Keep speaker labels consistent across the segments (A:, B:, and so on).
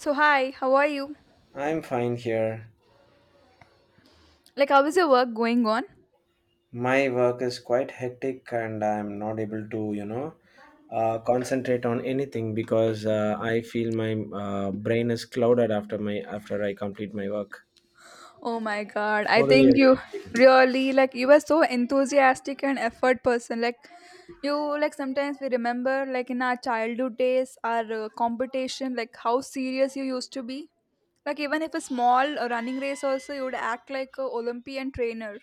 A: So, hi, how are you?
B: I'm fine here.
A: Like, how is your work going on?
B: My work is quite hectic and I'm not able to, concentrate on anything because I feel my brain is clouded after my after I complete my work.
A: Oh my god, I
B: What do
A: think
B: you
A: you
B: feel?
A: really like you were so enthusiastic and effort person. Like, you like sometimes we remember like in our childhood days, our competition, like how serious you used to be. Like, even if a small running race, also you would act like a Olympian trainer.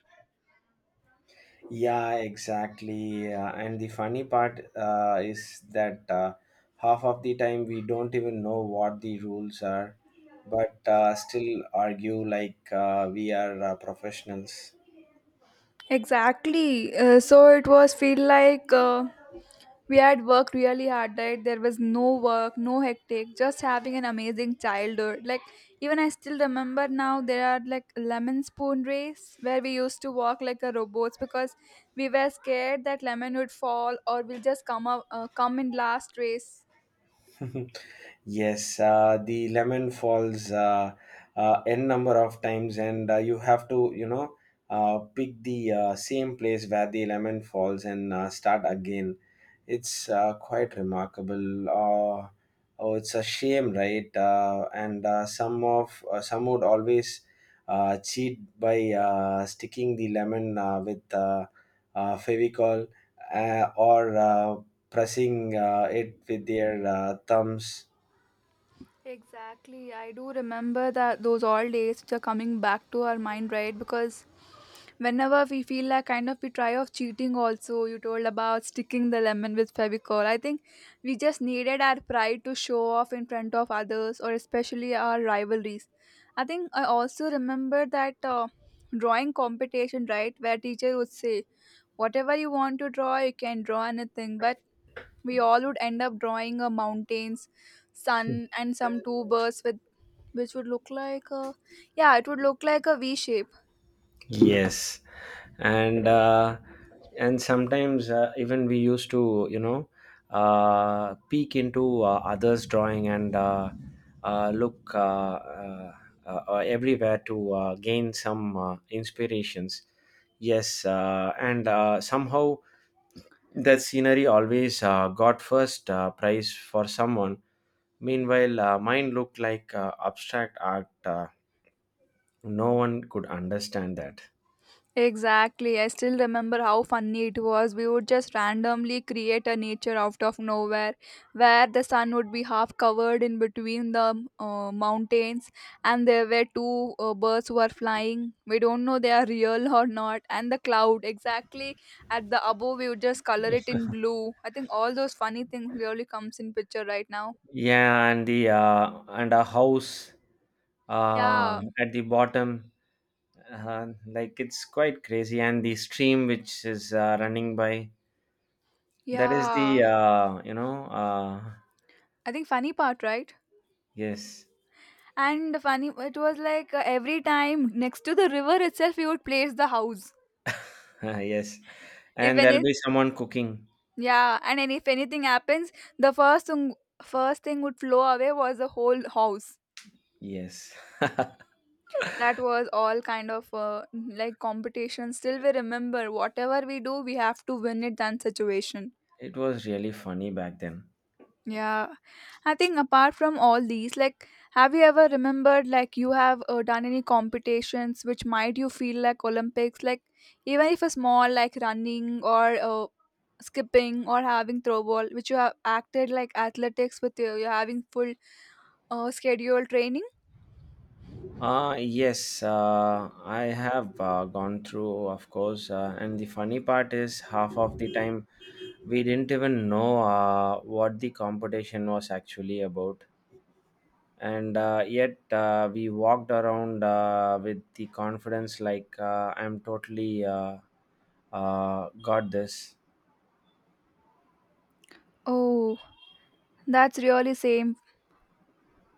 B: Yeah, exactly. And the funny part is that half of the time we don't even know what the rules are, but still argue like we are professionals.
A: Exactly. So it was feel like we had worked really hard, right? There was no work, no hectic, just having an amazing childhood. Like, even I still remember now there are like lemon spoon race where we used to walk like a robots because we were scared that lemon would fall or we'll just come up, come in last race.
B: Yes, the lemon falls n number of times, and you have to, pick the same place where the lemon falls and start again. It's quite remarkable. Oh, it's a shame, right? And some of some would always cheat by sticking the lemon with Fevicol, or pressing it with their thumbs.
A: Exactly. I do remember that those all days which are coming back to our mind, right? Because whenever we feel like kind of we try of cheating also, you told about sticking the lemon with Fevicol. I think we just needed our pride to show off in front of others or especially our rivalries. I think I also remember that drawing competition, right, where teacher would say, whatever you want to draw, you can draw anything. But we all would end up drawing a mountains, sun, and some two birds with which would look like a yeah, it would look like a V shape.
B: Yes, and and sometimes even we used to, peek into others' drawing and look everywhere to gain some inspirations. Yes, and somehow that scenery always got first prize for someone. Meanwhile, mine looked like abstract art. No one could understand that.
A: Exactly. I still remember how funny it was. We would just randomly create a nature out of nowhere where the sun would be half covered in between the mountains and there were two birds who are flying. We don't know they are real or not and the cloud exactly at the above we would just color it in blue. I think all those funny things really comes in picture right now.
B: Yeah, and a house uh,
A: Yeah.
B: at the bottom, like it's quite crazy. And the stream which is running by, that is the
A: Yeah.
B: you know
A: I think funny part, right?
B: yes.
A: And funny, it was like every time next to the river itself, we would place the house.
B: Yes,
A: If
B: and there'll
A: any,
B: be someone cooking.
A: yeah, and any, if anything happens, the first thing would flow away was the whole house.
B: Yes,
A: That was all kind of like competition. Still, we remember whatever we do, we have to win it. That situation.
B: it was really funny back then.
A: Yeah, I think apart from all these, like, have you ever remembered like you have done any competitions which might you feel like Olympics, like even if a small like running or skipping or having throwball, which you have acted like athletics with you, you're having full scheduled training.
B: Yes, I have gone through, of course. And the funny part is, half of the time, we didn't even know what the competition was actually about. And yet, we walked around with the confidence like, I'm totally got this.
A: Oh, that's really same.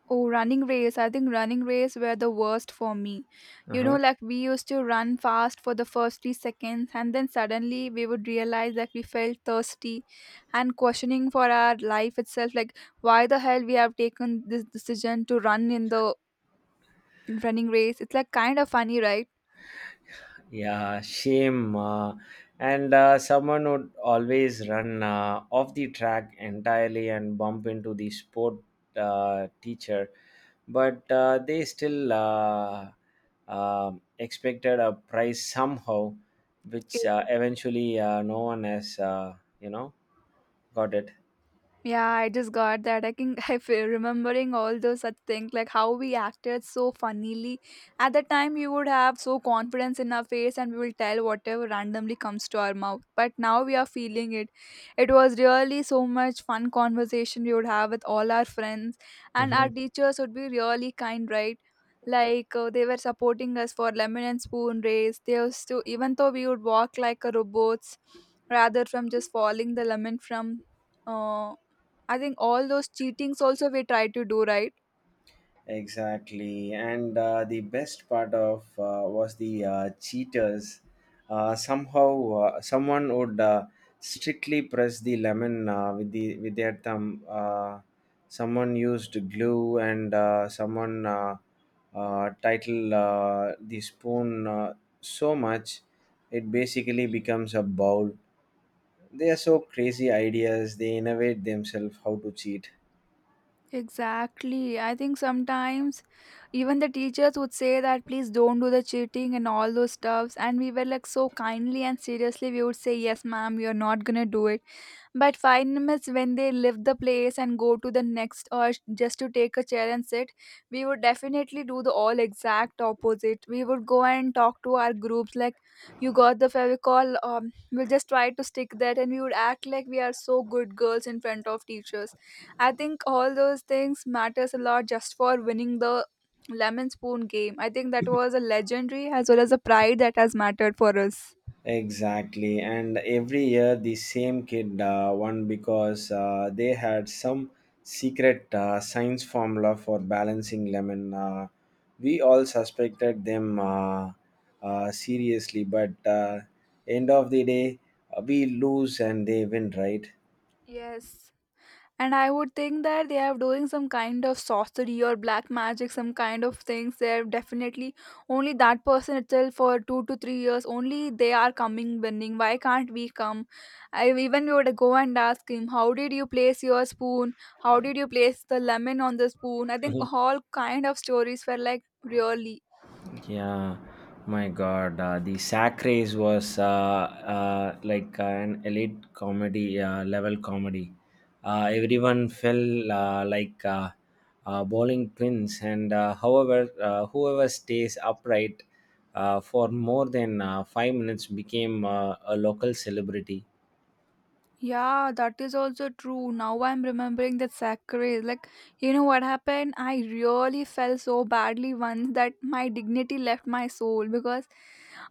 A: Oh, running race. I think running race were the worst for me. You know,
B: Uh-huh.
A: like we used to run fast for the first 3 seconds, and then suddenly we would realize that we felt thirsty and questioning for our life itself. Like, why the hell we have taken this decision to run in the running race? It's like kind of funny, right?
B: Yeah, shame. And someone would always run off the track entirely and bump into the sport teacher, but they still expected a prize somehow, which eventually no one has, you know, got it.
A: Yeah, I just got that. I can I feel remembering all those such things like how we acted so funnily. At the time, we would have so confidence in our face and we will tell whatever randomly comes to our mouth. But now we are feeling it. It was really so much fun conversation we would have with all our friends and our
B: Mhm.
A: teachers would be really kind, right? Like they were supporting us for lemon and spoon race. They used to even though we would walk like a robots rather from just falling the lemon from. Uh, I think all those cheatings also we try to do, right?
B: Exactly, and the best part of was the cheaters. Somehow, someone would strictly press the lemon with their thumb. Someone used glue, and someone title the spoon so much it basically becomes a bowl. They are so crazy ideas. They innovate themselves how to cheat.
A: Exactly. I think sometimes even the teachers would say that please don't do the cheating and all those stuffs. And we were like so kindly and seriously, we would say, "Yes, madam, we you're not gonna do it." But 5 minutes when they leave the place and go to the next or just to take a chair and sit, we would definitely do the all exact opposite. We would go and talk to our groups like, you got the Fevicol, we'll just try to stick that and we would act like we are so good girls in front of teachers. I think all those things matters a lot just for winning the lemon spoon game. I think that was a legendary as well as a pride that has mattered for us.
B: Exactly, and every year the same kid won because they had some secret science formula for balancing lemon. We all suspected them seriously, but end of the day, we lose and they win, right?
A: Yes. And I would think that they are doing some kind of sorcery or black magic some kind of things. They're definitely only that person itself for 2 to 3 years only they are coming winning. Why can't we come? I even we would go and ask him, how did you place your spoon, how did you place the lemon on the spoon? I think all kind of stories were like really.
B: Yeah, my God, the sack race was like an elite comedy level comedy. Everyone fell like bowling pins, and however, whoever stays upright for more than 5 minutes became a local celebrity.
A: Yeah, that is also true. Now I'm remembering that sacrilege. Like, you know what happened? I really felt so badly once that my dignity left my soul because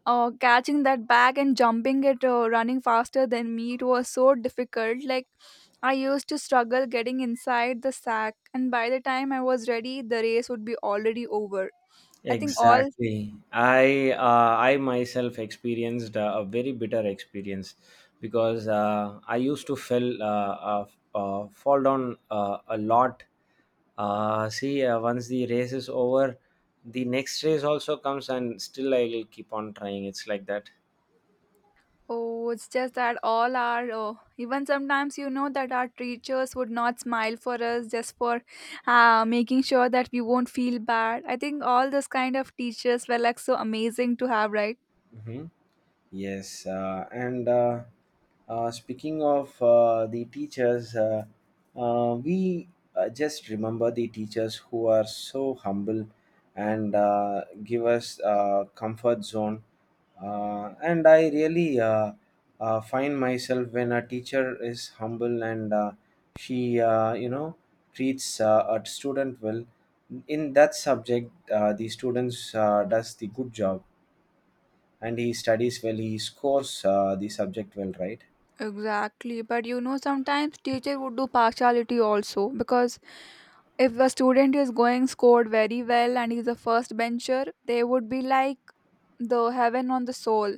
A: catching that bag and jumping it, running faster than me, it was so difficult. Like, I used to struggle getting inside the sack, and by the time I was ready, the race would be already over. I think all.
B: Exactly. I myself experienced a very bitter experience because I used to fell fall down a lot. See, once the race is over, the next race also comes, and still I will keep on trying. It's like that.
A: Oh, it's just that all our, oh, even sometimes you know that our teachers would not smile for us just for making sure that we won't feel bad. I think all this kind of teachers were like so amazing to have, right?
B: Mhm. Yes, and speaking of the teachers, we just remember the teachers who are so humble and give us comfort zone. And I really find myself when a teacher is humble and she, treats a student well. In that subject, the students does the good job, and he studies well, he scores the subject well, right?
A: Exactly, but you know sometimes teacher would do partiality also because if a student is going scored very well and he's a first bencher, they would be like the heaven on the soul.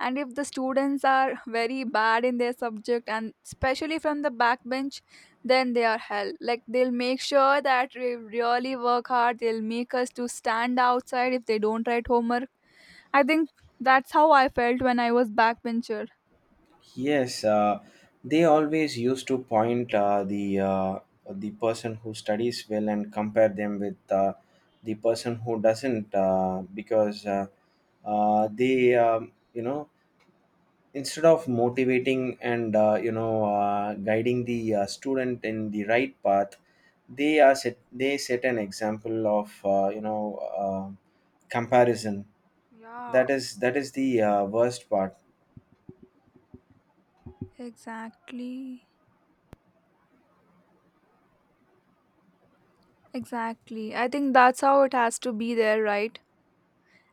A: And if the students are very bad in their subject and especially from the backbench then they are hell, like they'll make sure that we really work hard, they'll make us to stand outside if they don't write homework. I think that's how I felt when I was backbencher.
B: Yes, they always used to point the person who studies well and compare them with the person who doesn't, because they, instead of motivating and, guiding the student in the right path, they set an example of uh, comparison.
A: Yeah.
B: That is the worst part.
A: Exactly. Exactly. I think that's how it has to be there, right?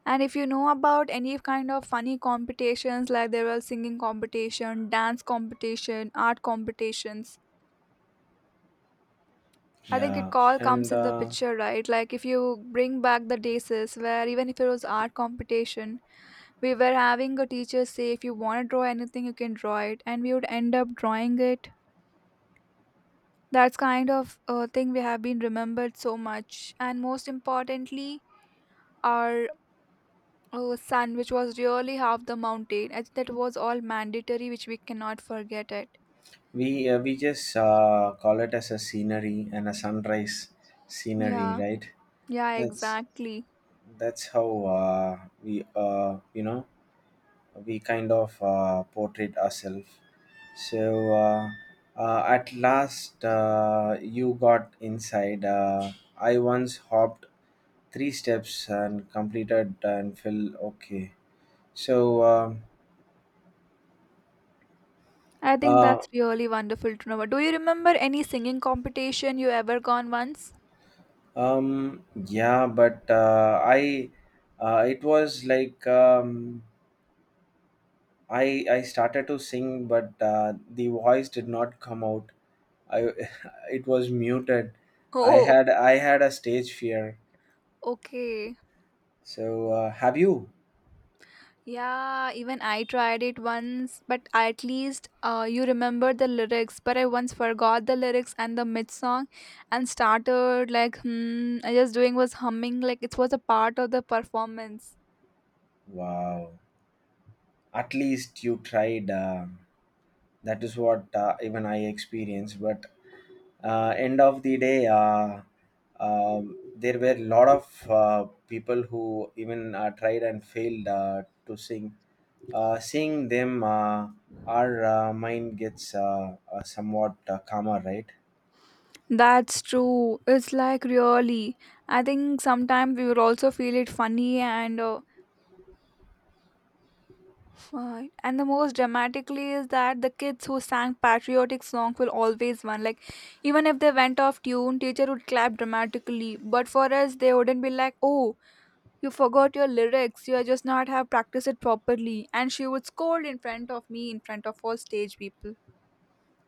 A: And if you know about any kind of funny competitions, like there were singing competition, dance competition, art competitions, I think it
B: Yeah,
A: all
B: and
A: comes in the
B: uh,
A: picture, right? Like if you bring back the days is where even if it was art competition, we were having a teacher say, if you want to draw anything, you can draw it, and we would end up drawing it. That's kind of a thing we have been remembered so much, and most importantly, our sun, which was really half the mountain. I think that was all mandatory, which we cannot forget it.
B: we uh, we just call it as a scenery and a sunrise scenery,
A: Yeah,
B: right?
A: yeah,
B: that's
A: exactly.
B: that's how we you know we kind of portrait ourselves. So at last you got inside, I once hopped three steps and completed and fell. Okay. so um,
A: I think
B: uh,
A: that's really wonderful to know. Do you remember any singing competition you ever gone once?
B: Yeah, but I it was like I started to sing, but the voice did not come out. I It was muted. I
A: Oh,
B: had I had a stage fear.
A: okay.
B: So have you?
A: Yeah, even I tried it once, but at least you remember the lyrics. But I once forgot the lyrics and the mid song and started like, hmm, I just doing was humming like it was a part of the performance.
B: Wow. At least you tried. That is what even I experienced. But end of the day, there were a lot of people who even tried and failed to sing. Seeing them, our mind gets somewhat calmer, right?
A: That's true. It's like really. I think sometimes we will also feel it funny, and right. And the most dramatically is that the kids who sang patriotic songs will always win. Like even if they went off tune, teacher would clap dramatically. But for us they wouldn't be like, "Oh, you forgot your lyrics, you are just not have practiced it properly," and she would scold in front of me, in front of all stage people.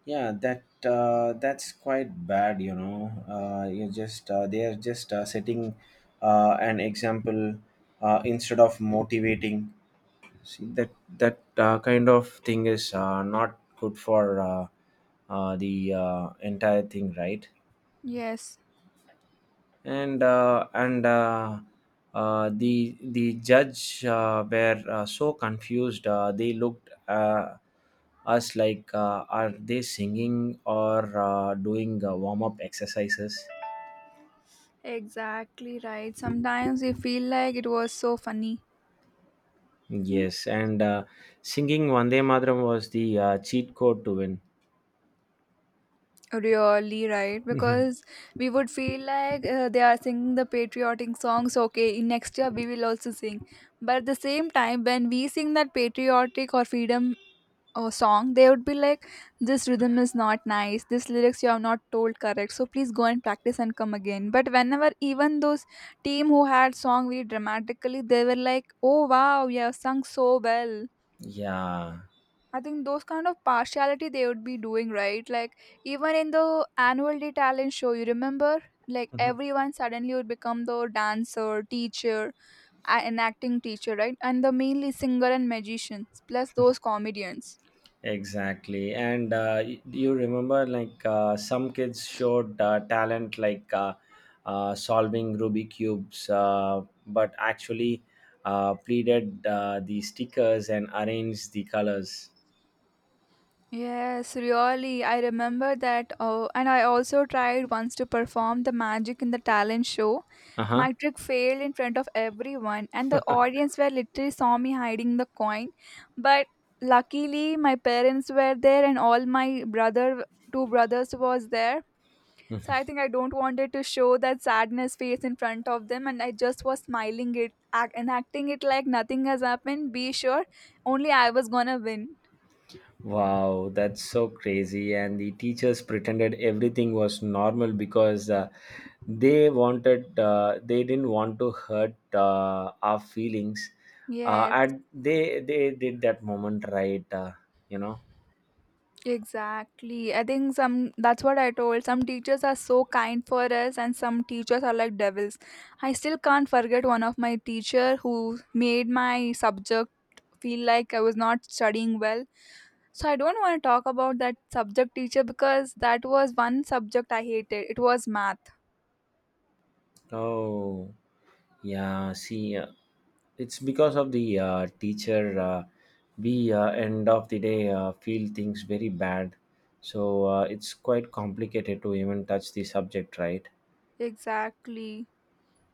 B: Yeah, that that's quite bad. You just they are just setting an example, instead of motivating. See that kind of thing is not good for the entire thing, right?
A: Yes.
B: And the judge were so confused. They looked us like, are they singing or doing warm up exercises?
A: Exactly right. Sometimes you feel like it was so funny.
B: Yes, and singing Vande Mataram was the cheat code to win.
A: Really right, because we would feel like they are singing the patriotic songs. Okay, in next year we will also sing. But at the same time, when we sing that patriotic or freedom song, they would be like, "This rhythm is not nice. This lyrics you have not told correct. So please go and practice and come again." But whenever even those team who had song very dramatically, they were like, "Oh wow, you have sung so well."
B: Yeah.
A: I think those kind of partiality they would be doing, right? Like even in the annual day talent show, you remember, like everyone suddenly would become the dancer, teacher, an acting teacher, right? And the mainly singer and magicians, plus those comedians.
B: Exactly. And do you remember like some kids showed talent like solving Ruby cubes, but actually pleated the stickers and arranged the colors.
A: Yes, really. I remember that. Oh, and I also tried once to perform the magic in the talent show.
B: Uh huh.
A: My trick failed in front of everyone, and the audience were literally saw me hiding the coin. But luckily, my parents were there, and all my brother, two brothers, was there. So I think I don't wanted to show that sadness face in front of them, and I just was smiling it act, and acting it like nothing has happened. Be sure, only I was gonna win.
B: Wow, that's so crazy. And the teachers pretended everything was normal because they didn't want to hurt our feelings. Uh,
A: Yes,
B: and they, they did that moment right, you know.
A: exactly. I think some that's what I told. Some teachers are so kind for us and some teachers are like devils. I still can't forget one of my teacher who made my subject feel like I was not studying well. So I don't want to talk about that subject teacher because that was one subject I hated. It was math.
B: Oh, yeah. See, it's because of the teacher, we end of the day feel things very bad. So it's quite complicated to even touch the subject, right?
A: Exactly.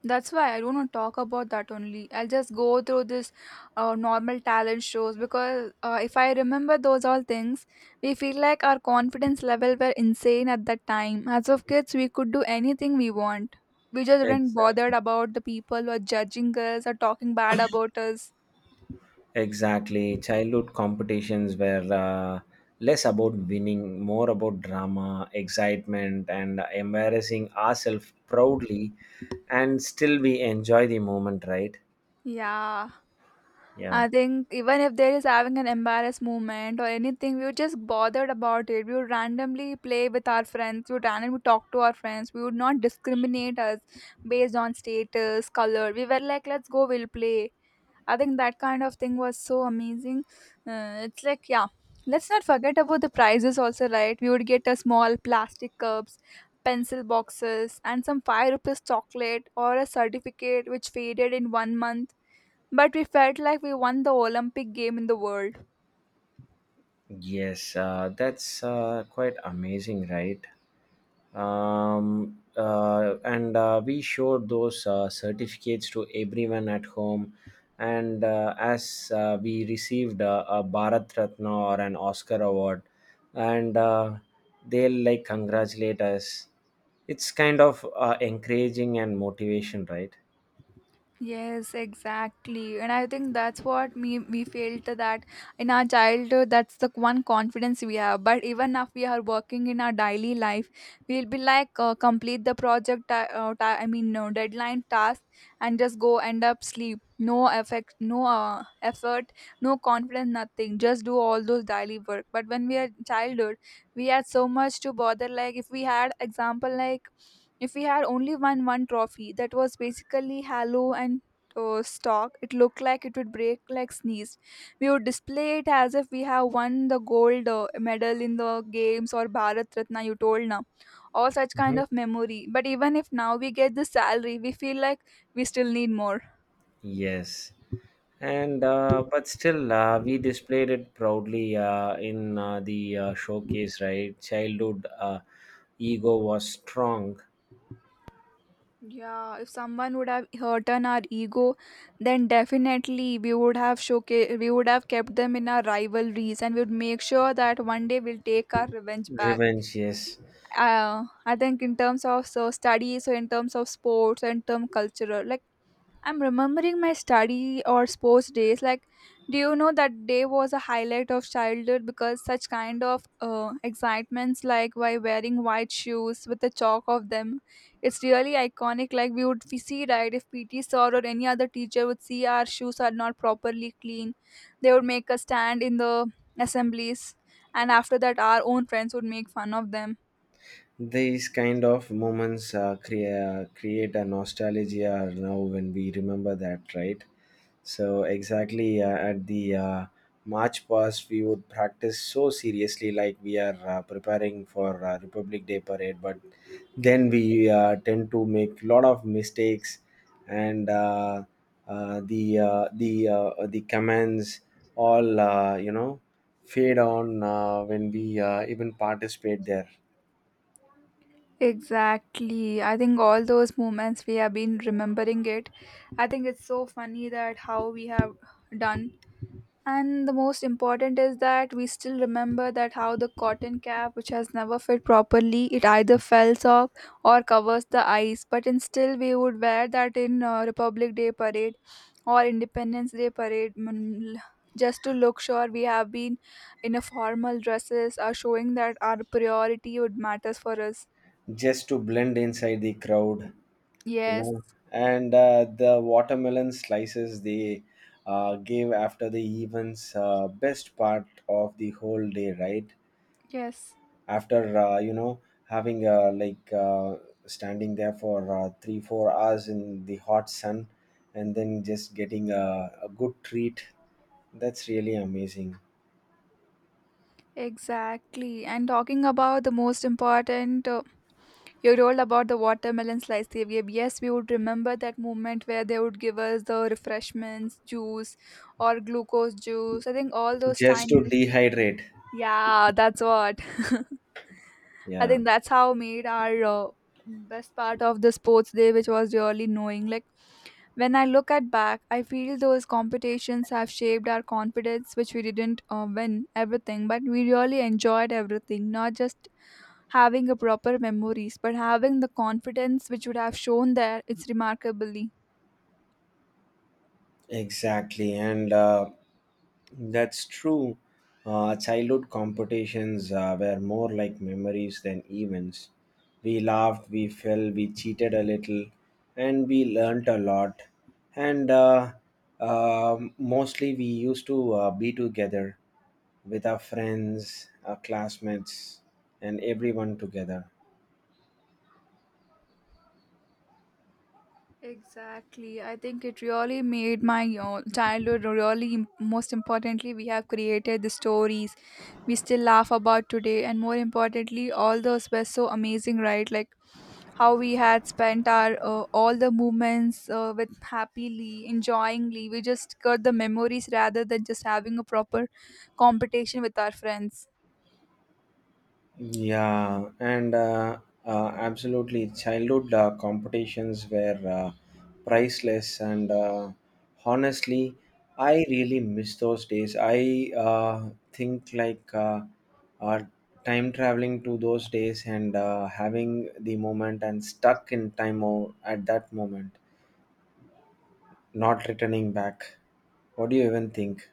A: That's why I don't want to talk about that only. I'll just go through this normal talent shows because if I remember those all things, we feel like our confidence level were insane at that time. As of kids, we could do anything we want. We just weren't bothered
B: Exactly.
A: about the people who are judging us or talking bad about us.
B: Exactly. Childhood competitions were less about winning, more about drama, excitement, and embarrassing ourselves proudly. And still, we enjoy the moment, right?
A: Yeah.
B: Yeah.
A: I think even if there is having an embarrassed moment or anything, we would just bothered about it. We would randomly play with our friends. We would randomly talk to our friends. We would not discriminate us based on status, color. We were like, let's go, we'll play. I think that kind of thing was so amazing. It's like, yeah, let's not forget about the prizes also, right? We would get a small plastic cups, pencil boxes, and some five rupees chocolate or a certificate which faded in 1 month but we felt like we won the Olympic game in the world.
B: Yes. That's quite amazing, right? And We showed those certificates to everyone at home, and as we received a bharat ratna or an oscar award, and they'll like congratulate us. It's kind of encouraging and motivation, right?
A: Yes, exactly. And I think that's what me we felt that in our childhood that's the one confidence we have. But even if we are working in our daily life, we'll be like complete the project I mean no deadline task and just go end up sleep. No effect, no effort, no confidence, nothing. Just do all those daily work. But when we are childhood, we had so much to bother. Like if we had example like if we had only won one trophy that was basically hollow and stock, it looked like it would break like sneeze. We would display it as if we have won the gold medal in the games or Bharat Ratna, you told now. All such kind
B: Mhm.
A: of memory. But even if now we get the salary, we feel like we still need more.
B: Yes. And but still, we displayed it proudly in the showcase, right? Childhood ego was strong.
A: Yeah, if someone would have hurt on our ego, then definitely we would have showcase we would have kept them in our rivalries and we would make sure that one day we'll take our revenge back.
B: Revenge, yes.
A: I think in terms of so study, so in terms of sports and term cultural, like I'm remembering my study or sports days. Like, do you know that day was a highlight of childhood because such kind of excitements, like by wearing white shoes with the chalk of them, it's really iconic. Like we would we see right if PT sir or any other teacher would see our shoes are not properly clean, they would make a stand in the assemblies, and after that our own friends would make fun of them.
B: These kind of moments create a nostalgia now when we remember that, right? So exactly at the March past, we would practice so seriously, like we are preparing for Republic Day parade, but then we tend to make a lot of mistakes, and the commands all fade on when we even participate there,
A: Exactly. I think all those moments we have been remembering it. I think it's so funny that how we have done. And the most important is that we still remember that how the cotton cap, which has never fit properly, it either falls off or covers the eyes. But in still, we would wear that in Republic Day parade or Independence Day parade, just to look sure we have been in a formal dresses, are showing that our priority would matters for us.
B: just to blend inside the crowd. you
A: Yes,
B: know and the watermelon slices they gave after the events, best part of the whole day, right?
A: yes,
B: After having like standing there for 3 or 4 hours in the hot sun and then just getting a good treat, that's really amazing.
A: exactly. And talking about the most important, you told about the watermelon slice they gave. Yes, we would remember that moment where they would give us the refreshments, juice, or glucose juice. I think all those
B: Just to
A: tiny.
B: dehydrate.
A: Yeah, that's what. I
B: Yeah.
A: think that's how made our best part of the sports day, which was really knowing. Like when I look at back, I feel those competitions have shaped our confidence, which we didn't win everything, but we really enjoyed everything. Not just having a proper memories, but having the confidence which would have shown there. It's remarkably.
B: Exactly, and that's true. Childhood competitions were more like memories than events. We laughed, we fell, we cheated a little, and we learnt a lot. And mostly we used to be together with our friends, our classmates, and everyone together.
A: Exactly. I think it really made my childhood really most importantly we have created the stories we still laugh about today and more importantly all those were so amazing right like how we had spent our all the moments with happily enjoyingly we just got the memories rather than just having a proper competition with our friends.
B: Yeah, and absolutely. Childhood competitions were priceless, and honestly, I really miss those days. I think like uh, time traveling to those days and having the moment and stuck in time at that moment, not returning back. What do you even think?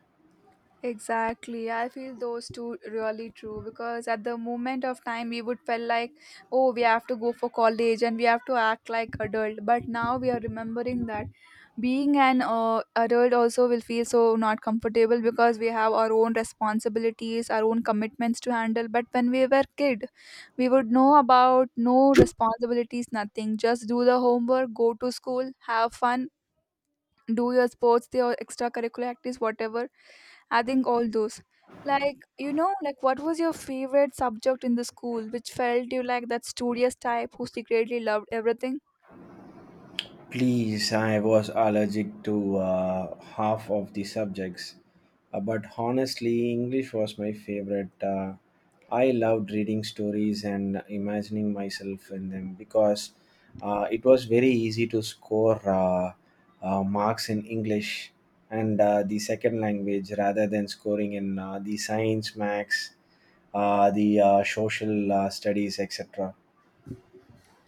A: Exactly. I feel those two really true because at the moment of time we would feel like, oh, we have to go for college and we have to act like adult. But now we are remembering that being an adult also will feel so not comfortable because we have our own responsibilities, our own commitments to handle. But when we were kid, we would know about no responsibilities, nothing. Just do the homework, go to school, have fun, do your sports, your extracurricular activities, whatever I think all those. Like, you know, like what was your favorite subject in the school which felt you like that studious type who secretly loved everything?
B: Please, I was allergic to half of the subjects. But honestly, English was my favorite. I loved reading stories and imagining myself in them because it was very easy to score marks in English and the second language rather than scoring in the science, max, the social studies, etc.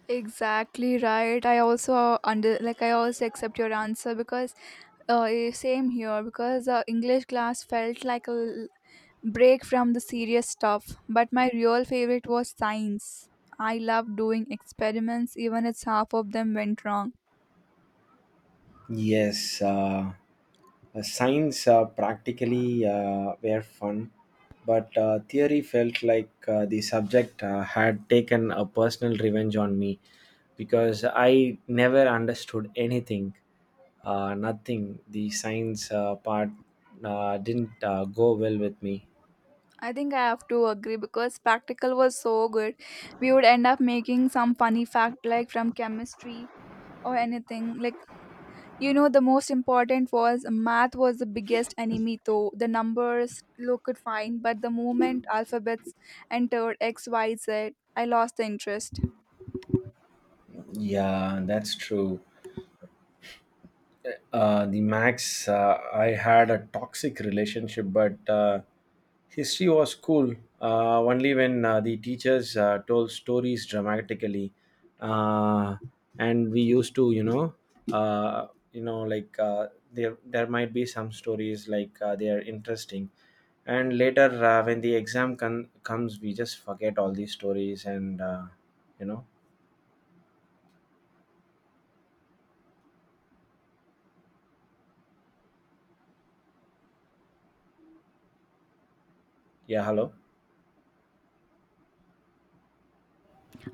A: Exactly right. I also under like I also accept your answer because same here because English class felt like a break from the serious stuff. But my real favorite was science. I loved doing experiments even if half of them went wrong.
B: Yes. Science practically were fun, but theory felt like the subject had taken a personal revenge on me because I never understood anything, nothing. The science part didn't go well with me.
A: I think I have to agree because practical was so good. We would end up making some funny fact like from chemistry or anything. Like you know the most important was math was the biggest enemy though. The numbers look could find, but the moment alphabets entered X, Y, Z, I lost the interest.
B: Yeah, that's true. The max, I had a toxic relationship, but history was cool only when the teachers told stories dramatically. uh, and we used to, uh, like there might be some stories, like they are interesting. And later when the comes, we just forget all these stories. And you know, yeah, hello.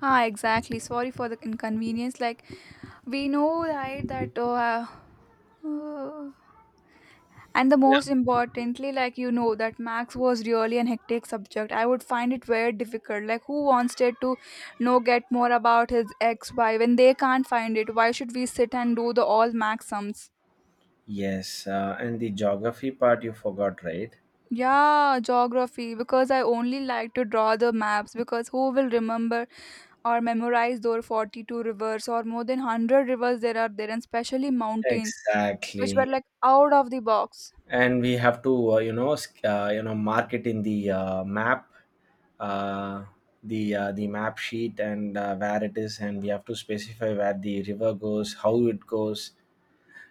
A: Ah, exactly. Sorry for the inconvenience. Like we know right that uh, and the
B: Yeah.
A: most importantly, like you know, that Max was really an hectic subject. I would find it very difficult. Like, who wants it to know get more about his ex? Why, when they can't find it, why should we sit and do the all Max sums?
B: Yes, and the geography part you forgot, right?
A: Yeah, geography because I only like to draw the maps because who will remember or memorize those 42 rivers or more than 100 rivers there are there and especially mountains which
B: Exactly.
A: were like out of the box.
B: And we have to, mark it in the map, uh, the map sheet, and where it is, and we have to specify where the river goes, how it goes.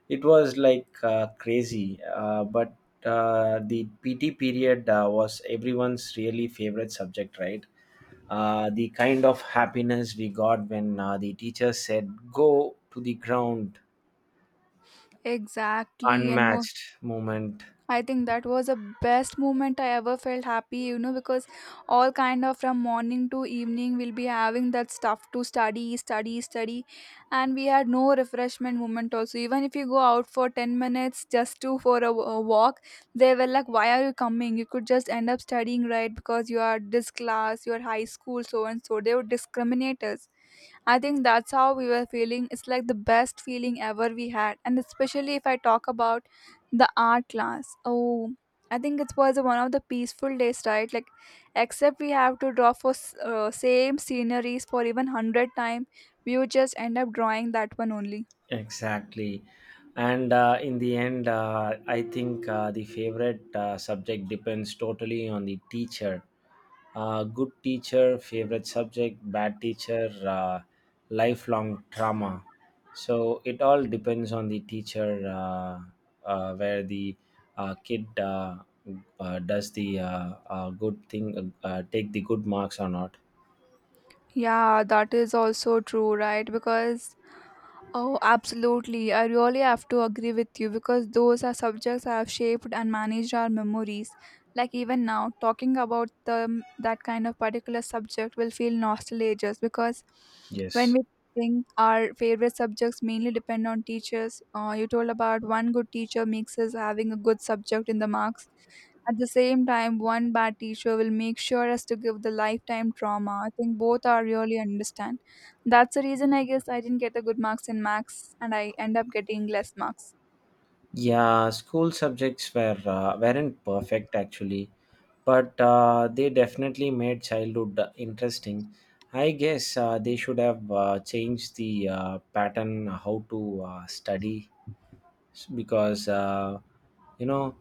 B: It was like crazy, but the PT period was everyone's really favorite subject, right? The kind of happiness we got when the teacher said, "Go to the ground,"
A: Exactly, and more
B: unmatched moment.
A: I think that was the best moment I ever felt happy, you know, because all kind of from morning to evening we'll be having that stuff to study, study, study, and we had no refreshment moment also. Even if you go out for 10 minutes just to for a walk, they were like, "Why are you coming? You could just end up studying, right? Because you are this class, your high school, so and so." They would discriminate us I think that's how we were feeling. It's like the best feeling ever we had. And especially if I talk about the art class. Oh, I think it was one of the peaceful days, right? Like, except we have to draw for same sceneries for even 100 time. We would just end up drawing that one only.
B: Exactly. And in the end, I think the favorite subject depends totally on the teacher. Good teacher, favorite subject, bad teacher, lifelong trauma. So it all depends on the teacher, where the kid does the good thing, take the good marks or not.
A: Yeah, that is also true, right? Because oh, absolutely. I really have to agree with you because those are subjects that have shaped and managed our memories. Like even now, talking about the that kind of particular subject will feel nostalgic because when
B: Yes.
A: we think our favorite subjects mainly depend on teachers. You told about one good teacher makes us having a good subject in the marks at the same time, one bad teacher will make sure us to give the lifetime trauma. I think both are really understand. That's the reason I guess I didn't get the good marks in max and I end up getting less marks.
B: Yeah, school subjects weren't perfect, actually. But they definitely made childhood interesting. I guess they should have changed the pattern how to study, because you know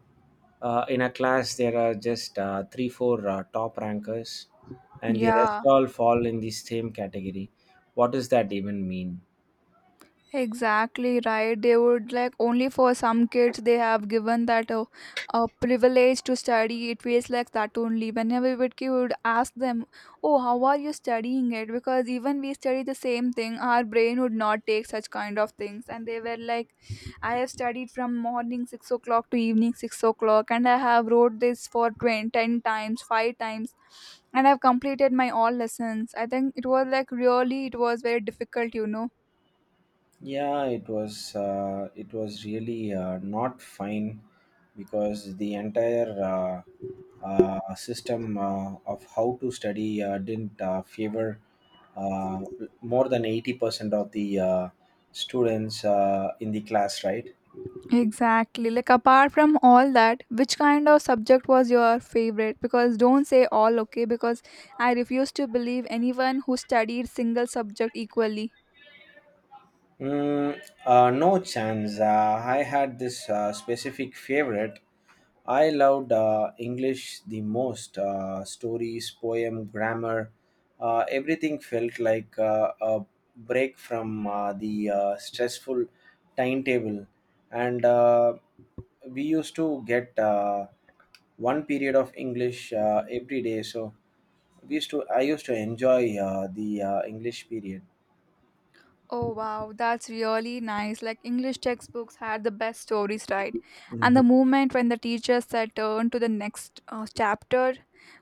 B: in a class there are just three four top rankers, and the rest
A: Yeah.
B: all fall in the same category. What does that even mean?
A: Exactly right. They would like only for some kids they have given that a privilege to study. It feels like that only. Whenever we would ask them, "Oh, how are you studying it?" Because even we study the same thing, our brain would not take such kind of things. And they were like, "I have studied from morning 6 o'clock to evening 6 o'clock, and I have wrote this for 20, 10 times, five times." And I've completed my all lessons. I think it was like really, it was very difficult, you know.
B: Yeah, it was really not fine, because the entire system of how to study didn't favor uh, more than 80% of the students in the class, right?
A: Exactly. Like apart from all that, which kind of subject was your favorite? Because don't say all okay because I refuse to believe anyone who studied single subject equally.
B: Mm, no chance. I had this specific favorite. I loved English the most. Stories, poem, grammar, everything felt like a break from the stressful timetable. And we used to get one period of English every day. So we used to. I used to enjoy the English period.
A: Oh wow, that's really nice. Like English textbooks had the best stories, right? And
B: Hmm.
A: the moment when the teacher said turn to the next chapter,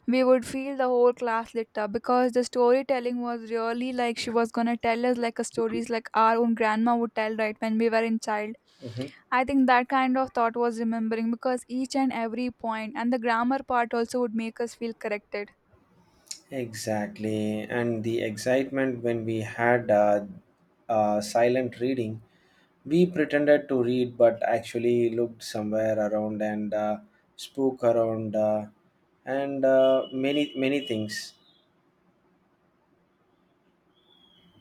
A: we would feel the whole class lit up because the storytelling was really like she was gonna tell us like a stories like our own grandma would tell, right? When we were in child
B: Hmm.
A: I think that kind of thought was remembering because each and every point and the grammar part also would make us feel corrected.
B: Exactly, and the excitement when we had silent reading. We pretended to read but actually looked somewhere around, and spoke around, and many many things.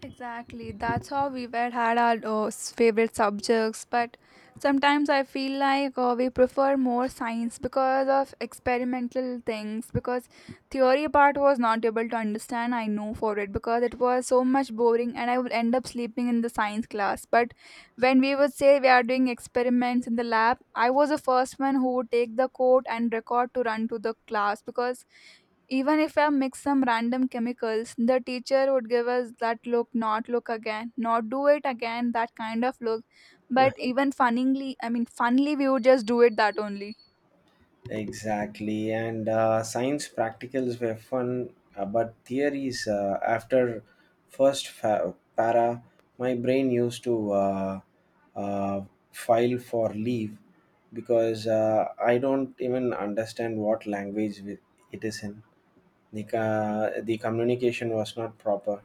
A: Exactly. That's how we were had our favorite subjects. But sometimes I feel like we prefer more science because of experimental things. Because theory part was not able to understand. I know for it because it was so much boring, and I would end up sleeping in the science class. But when we would say we are doing experiments in the lab, I was the first one who would take the code and record to run to the class because even if I mix some random chemicals, the teacher would give us that look, not look again, not do it again, that kind of look. But even funnily, I mean, funnily, we would just do it that only.
B: Exactly, and science practicals were fun, but theories after para, my brain used to uh, file for leave, because I don't even understand what it is in. The communication was not proper.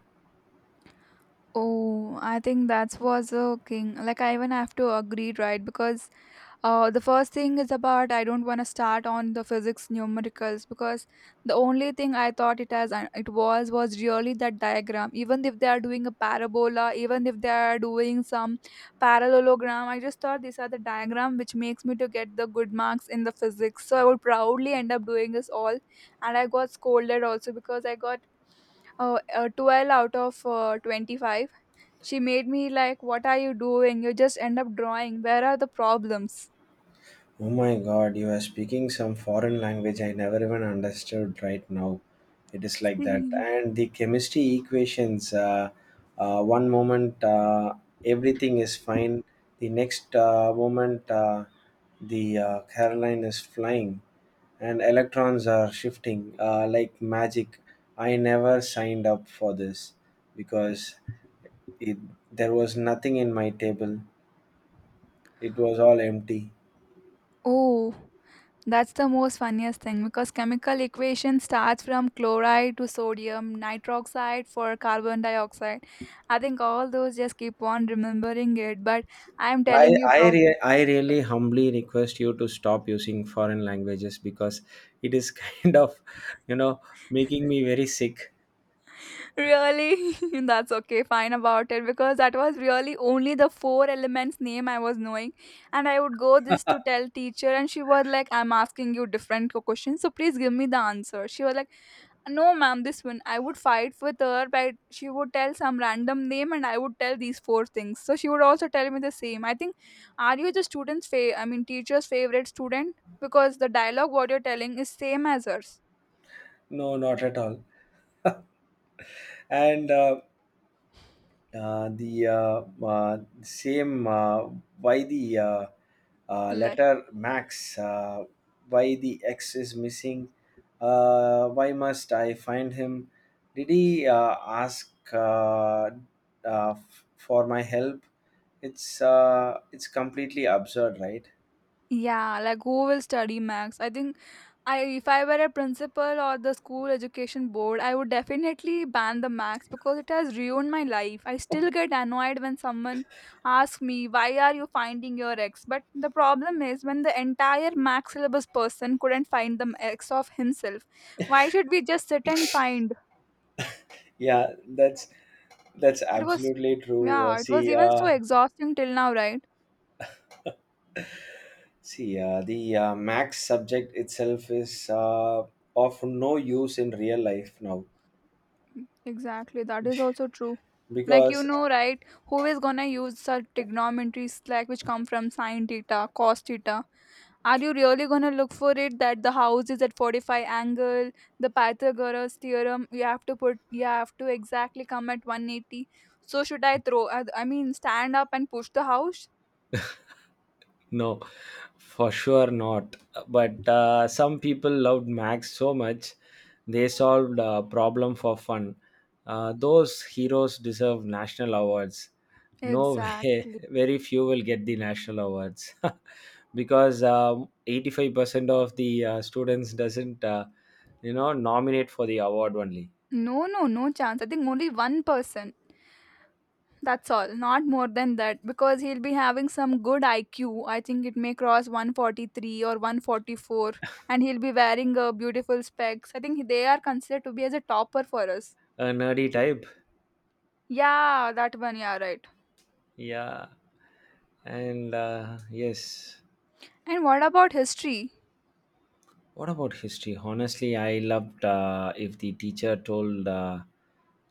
A: Oh, I think that was a king. Like I even have to agree, right? Because the first thing is about I don't want to start on the physics numericals because the only thing I thought it as it was really that diagram. Even if they are doing a parabola, even if they are doing some parallelogram, I just thought these are the diagram which makes me to get the good marks in the physics. So I would proudly end up doing this all, and I got scolded also because I got 12 out of 25. She made me like, "What are you doing? You just end up drawing. Where are the problems?"
B: Oh my God, you are speaking some foreign language I never even understood right now. It is like that.
A: Mhm.
B: And the chemistry equations, one moment everything is fine, the next moment the Caroline is flying, and electrons are shifting like magic. I never signed up for this, because it, there was nothing in my table, it was all empty.
A: Oh, that's the most funniest thing because chemical equation starts from chloride to sodium, nitroxide for carbon dioxide. I think all those just keep on remembering it, but I'm
B: I
A: telling you,
B: I,
A: prof,
B: re- I really humbly request you to stop using foreign languages, because it is kind of, you know making me very sick.
A: really, that's okay, fine about it because that was really only the four elements name I was knowing, and I would go this to tell teacher, and she was like, "I'm asking you different questions, so please give me the answer." She was like no, ma'am, this one. I would fight with her, but she would tell some random name and I would tell these four things. So she would also tell me the same. I think, are you the I mean, teacher's favorite student? Because the dialogue what you're telling is same as hers.
B: No, not at all. And the same, why the
A: Like,
B: letter max, why the X is missing. Why must I find him? Did he ask, for my help? It's completely absurd, right?
A: yeah, like who will study Max? I think I if I were a principal or the school education board, I would definitely ban the max because it has ruined my life. I still get annoyed when someone asks me, "Why are you finding your ex?" But the problem is when the entire max syllabus person couldn't find the ex of himself. Why should we just sit and find?
B: Yeah, that's
A: It was
B: absolutely true. Uh,
A: yeah, it was
B: see,
A: even so
B: uh,
A: exhausting till now, right?
B: see, uh, the Max subject itself is of no use in real life now,
A: Exactly, that is also true. Like you
B: because—
A: know, right? Who is gonna use such trigonometries like which come from sine theta, cos theta? Are you really gonna look for it that the house is at 45 angle, the Pythagoras theorem? You have to exactly come at 180. So should I throw? I mean, stand up and push the house?
B: No, for sure not. But some people loved Max so much, they solved a problem for fun. Those heroes deserve national awards. No way.
A: Exactly.
B: Very few will get the national awards. Because 85% of the students doesn't nominate for the award only.
A: No, no, no chance. I think only one person. That's all. Not more than that. Because he'll be having some good IQ. I think it may cross 143 or 144. And he'll be wearing beautiful specs. I think they are considered to be as a topper for us.
B: A nerdy type.
A: Yeah, that one. Yeah, right.
B: Yeah. And yes.
A: And what about history?
B: What about history? Honestly, I loved if the teacher told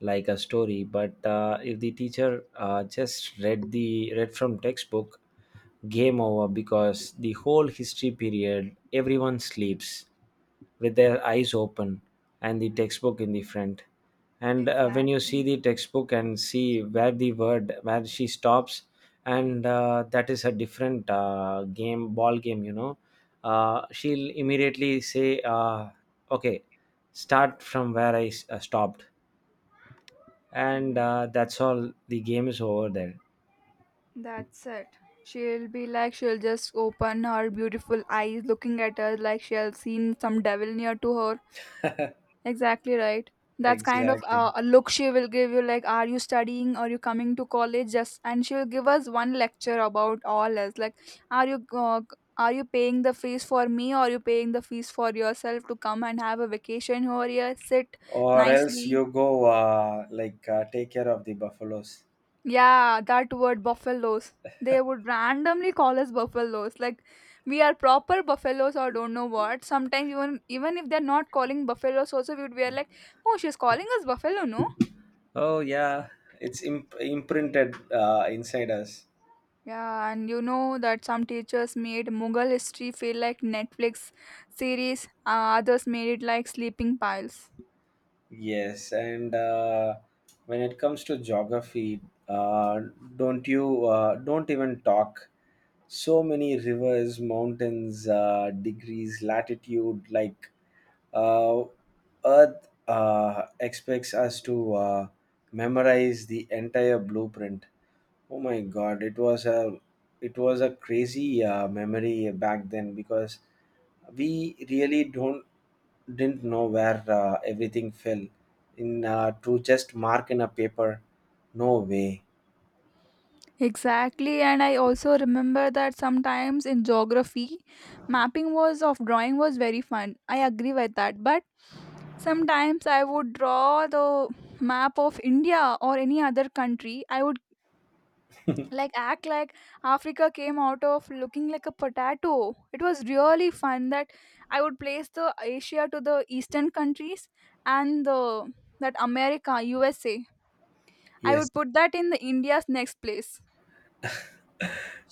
B: like a story, but if the teacher just read from textbook, game over, because the whole history period everyone sleeps with their eyes open and the textbook in the front. And when you see
A: Exactly.
B: the textbook and see where the word where she stops, and that is a different game ball game, she'll immediately say, "Okay, start from where I stopped," and
A: Mm,
B: that's all. The game is over there.
A: that's it. She'll be like, she'll just open her beautiful eyes looking at us like she'll seen some devil near to her. Exactly right. That's kind of
B: Exactly.
A: a look she will give you, like, are you studying? Are you coming to college? Just and she'll give us one lecture about all us, like, are you uh, are you paying the fees for me? Or are you paying the fees for yourself to come and have a vacation over here? Sit
B: Or else
A: nicely.
B: you go, like, take care of the buffaloes.
A: Yeah, that word buffaloes. They would randomly call us buffaloes. Like we are proper buffaloes or don't know what. Sometimes even if they're not calling buffaloes also we would be like, oh, she's calling us buffalo, no?
B: Oh yeah, it's imprinted inside us.
A: Yeah, and you know that some teachers made Mughal history feel like Netflix series, others made it like sleeping piles.
B: Yes, and when it comes to geography, uh, don't even talk. So many rivers, mountains, degrees, latitude. Like, uh, Earth expects us to memorize the entire blueprint. Oh my God! It was a crazy memory back then, because we really don't didn't know where everything fell in, to just mark in a paper. No way.
A: Exactly, and I also remember that sometimes in geography, mapping was of drawing was very fun. I agree with that, but sometimes I would draw the map of India or any other country. I would like act like Africa came out of looking like a potato. It was really fun that I would place the Asia to the eastern countries and the that America, USA. I
B: Yes.
A: would put that in the India's next place.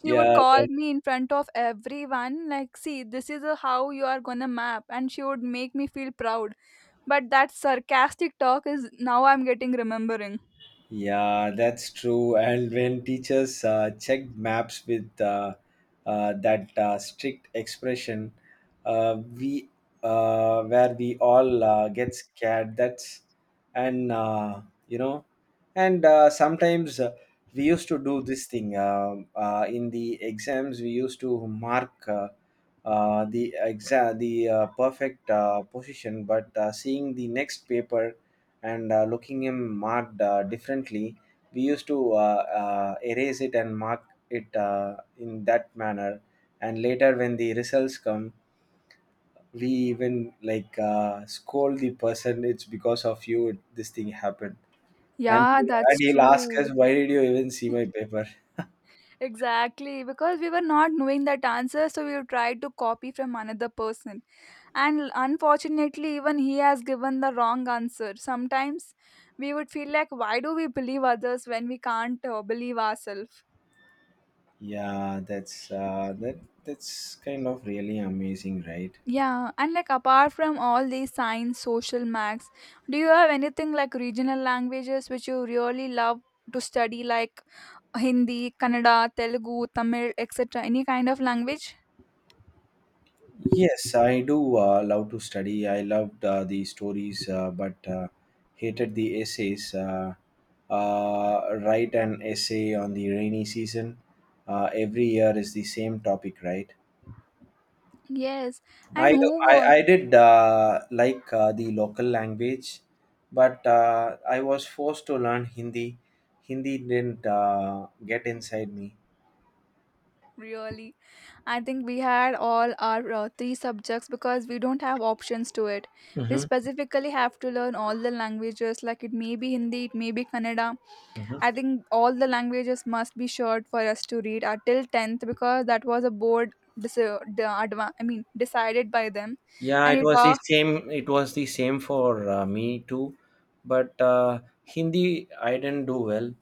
A: She would
B: Yeah.
A: call me in front of everyone like see this is a, how you are gonna map and she would make me feel proud, but that sarcastic talk is now I'm getting remembering.
B: Yeah, that's true. And when teachers checked maps with that strict expression, we where we all get scared. That's and you know, and sometimes we used to do this thing in the exams. We used to mark. The perfect position, but seeing the next paper, and looking him marked differently, we used to erase it and mark it in that manner. And later, when the results come, we even like scold the person. It's because of you this thing happened, and
A: Yeah,
B: and
A: that's
B: he'll ask us,
A: true.
B: "Why did you even see my paper?"
A: Exactly, because we were not knowing that answer so we tried to copy from another person and unfortunately even he has given the wrong answer. Sometimes we would feel like why do we believe others when we can't believe ourselves.
B: Yeah, that's kind of really amazing, right?
A: Yeah, and like apart from all these signs, social max, do you have anything like regional languages which you really love to study, like Hindi, Kannada, Telugu, Tamil, etc.? Any kind of language?
B: Yes, I do love to study. I loved the stories, but hated the essays. Write an essay on the rainy season. Every year is the same topic, right?
A: Yes,
B: I
A: and
B: do,
A: who
B: I,
A: won?
B: I did uh, like the local language, but I was forced to learn Hindi. Hindi didn't get inside me.
A: Really? I think we had all our three subjects because we don't have options to it. We
B: Hmm.
A: specifically have to learn all the languages, like it may be Hindi, it may be Kannada. I think all the languages must be short for us to read until 10th because that was a board. I mean, decided by them,
B: Yeah,
A: and
B: it
A: it.
B: was the same. It was the same for me too, but Hindi I didn't do well.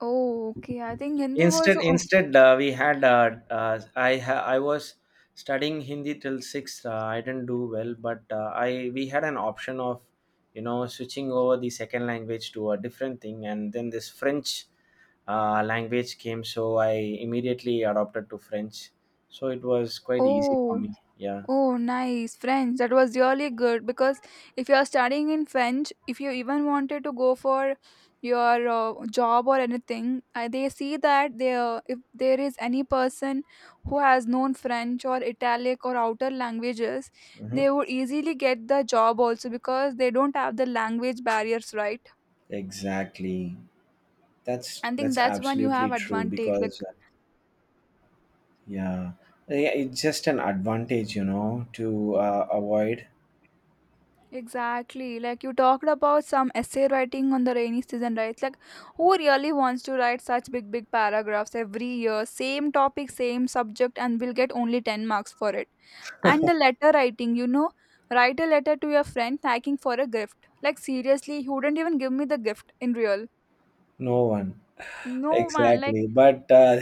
A: Oh, okay. I think Hindi was.
B: Instead,
A: uh,
B: instead uh, we had I was studying Hindi till sixth. I didn't do well, but I we had an option of, switching over the second language to a different thing, and then this French language came, so I immediately adopted to French. So it was quite easy for
A: Oh,
B: me. Yeah.
A: oh, nice. French. That was really good because if you are studying in French, if you even wanted to go for your job or anything, I, they see that there if there is any person who has known French or Italic or outer languages,
B: Hmm.
A: they would easily get the job also because they don't have the language barriers, right?
B: Exactly. That's
A: I think
B: that's
A: that's when you
B: absolutely
A: have
B: true,
A: advantage.
B: because
A: Like
B: yeah, yeah, it's just an advantage, to avoid.
A: exactly. Like you talked about some essay writing on the rainy season, right? Like who really wants to write such big, big paragraphs every year? Same topic, same subject, and we'll get only 10 marks for it. And the letter writing, you know, write a letter to your friend thanking for a gift. Like seriously, he wouldn't even give me the gift in real.
B: No one.
A: No man, like
B: Exactly, but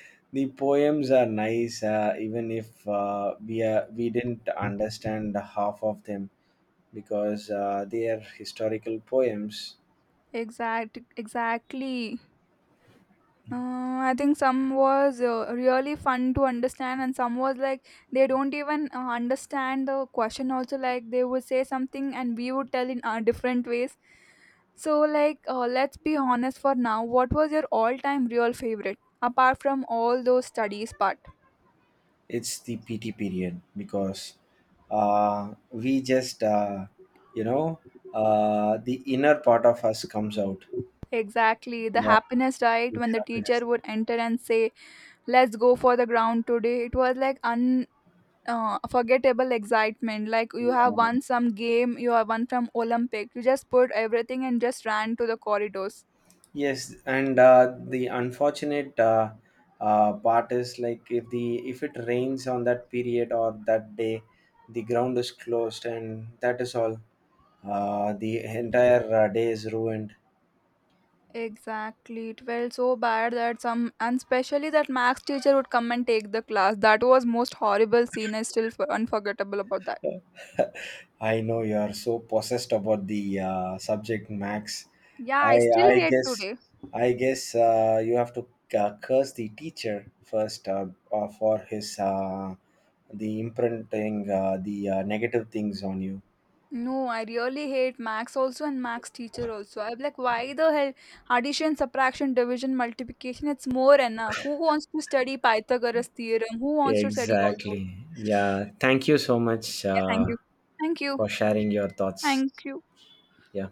B: the poems are nice, even if we didn't understand half of them, because they are historical poems.
A: exactly. I think some was really fun to understand, and some was like they don't even understand the question. Also, like they would say something, and we would tell in different ways. So, like, let's be honest for now. What was your all-time real favorite, apart from all those studies part?
B: It's the PT period, because we just, you know the inner part of us comes out.
A: Exactly, the
B: Yeah,
A: happiness, right?
B: the
A: When the
B: happiness.
A: teacher would enter and say, "Let's go for the ground today," it was like un forgettable excitement. Like you have won some game, you have won from Olympic. You just put everything and just ran to the corridors.
B: Yes, and the unfortunate part is like, if it rains on that period or that day, the ground is closed, and that is all. The entire day is ruined.
A: Exactly. It felt so bad that some, and especially that max teacher would come and take the class. That was most horrible scene. Unforgettable about that.
B: I know you are so possessed about the subject, Max.
A: Yeah,
B: I
A: I
B: I
A: still hate
B: guess
A: today.
B: I guess you have to curse the teacher first, for his the imprinting the negative things on you.
A: No, I really hate Max also and Max teacher also. I'm like, why the hell addition, subtraction, division, multiplication? It's more enough. Who wants to study Pythagoras theorem? Who wants to study all those?
B: Exactly. Yeah. Thank you so much
A: Yeah, thank you. Thank you.
B: for sharing your thoughts.
A: Thank you.
B: Yeah.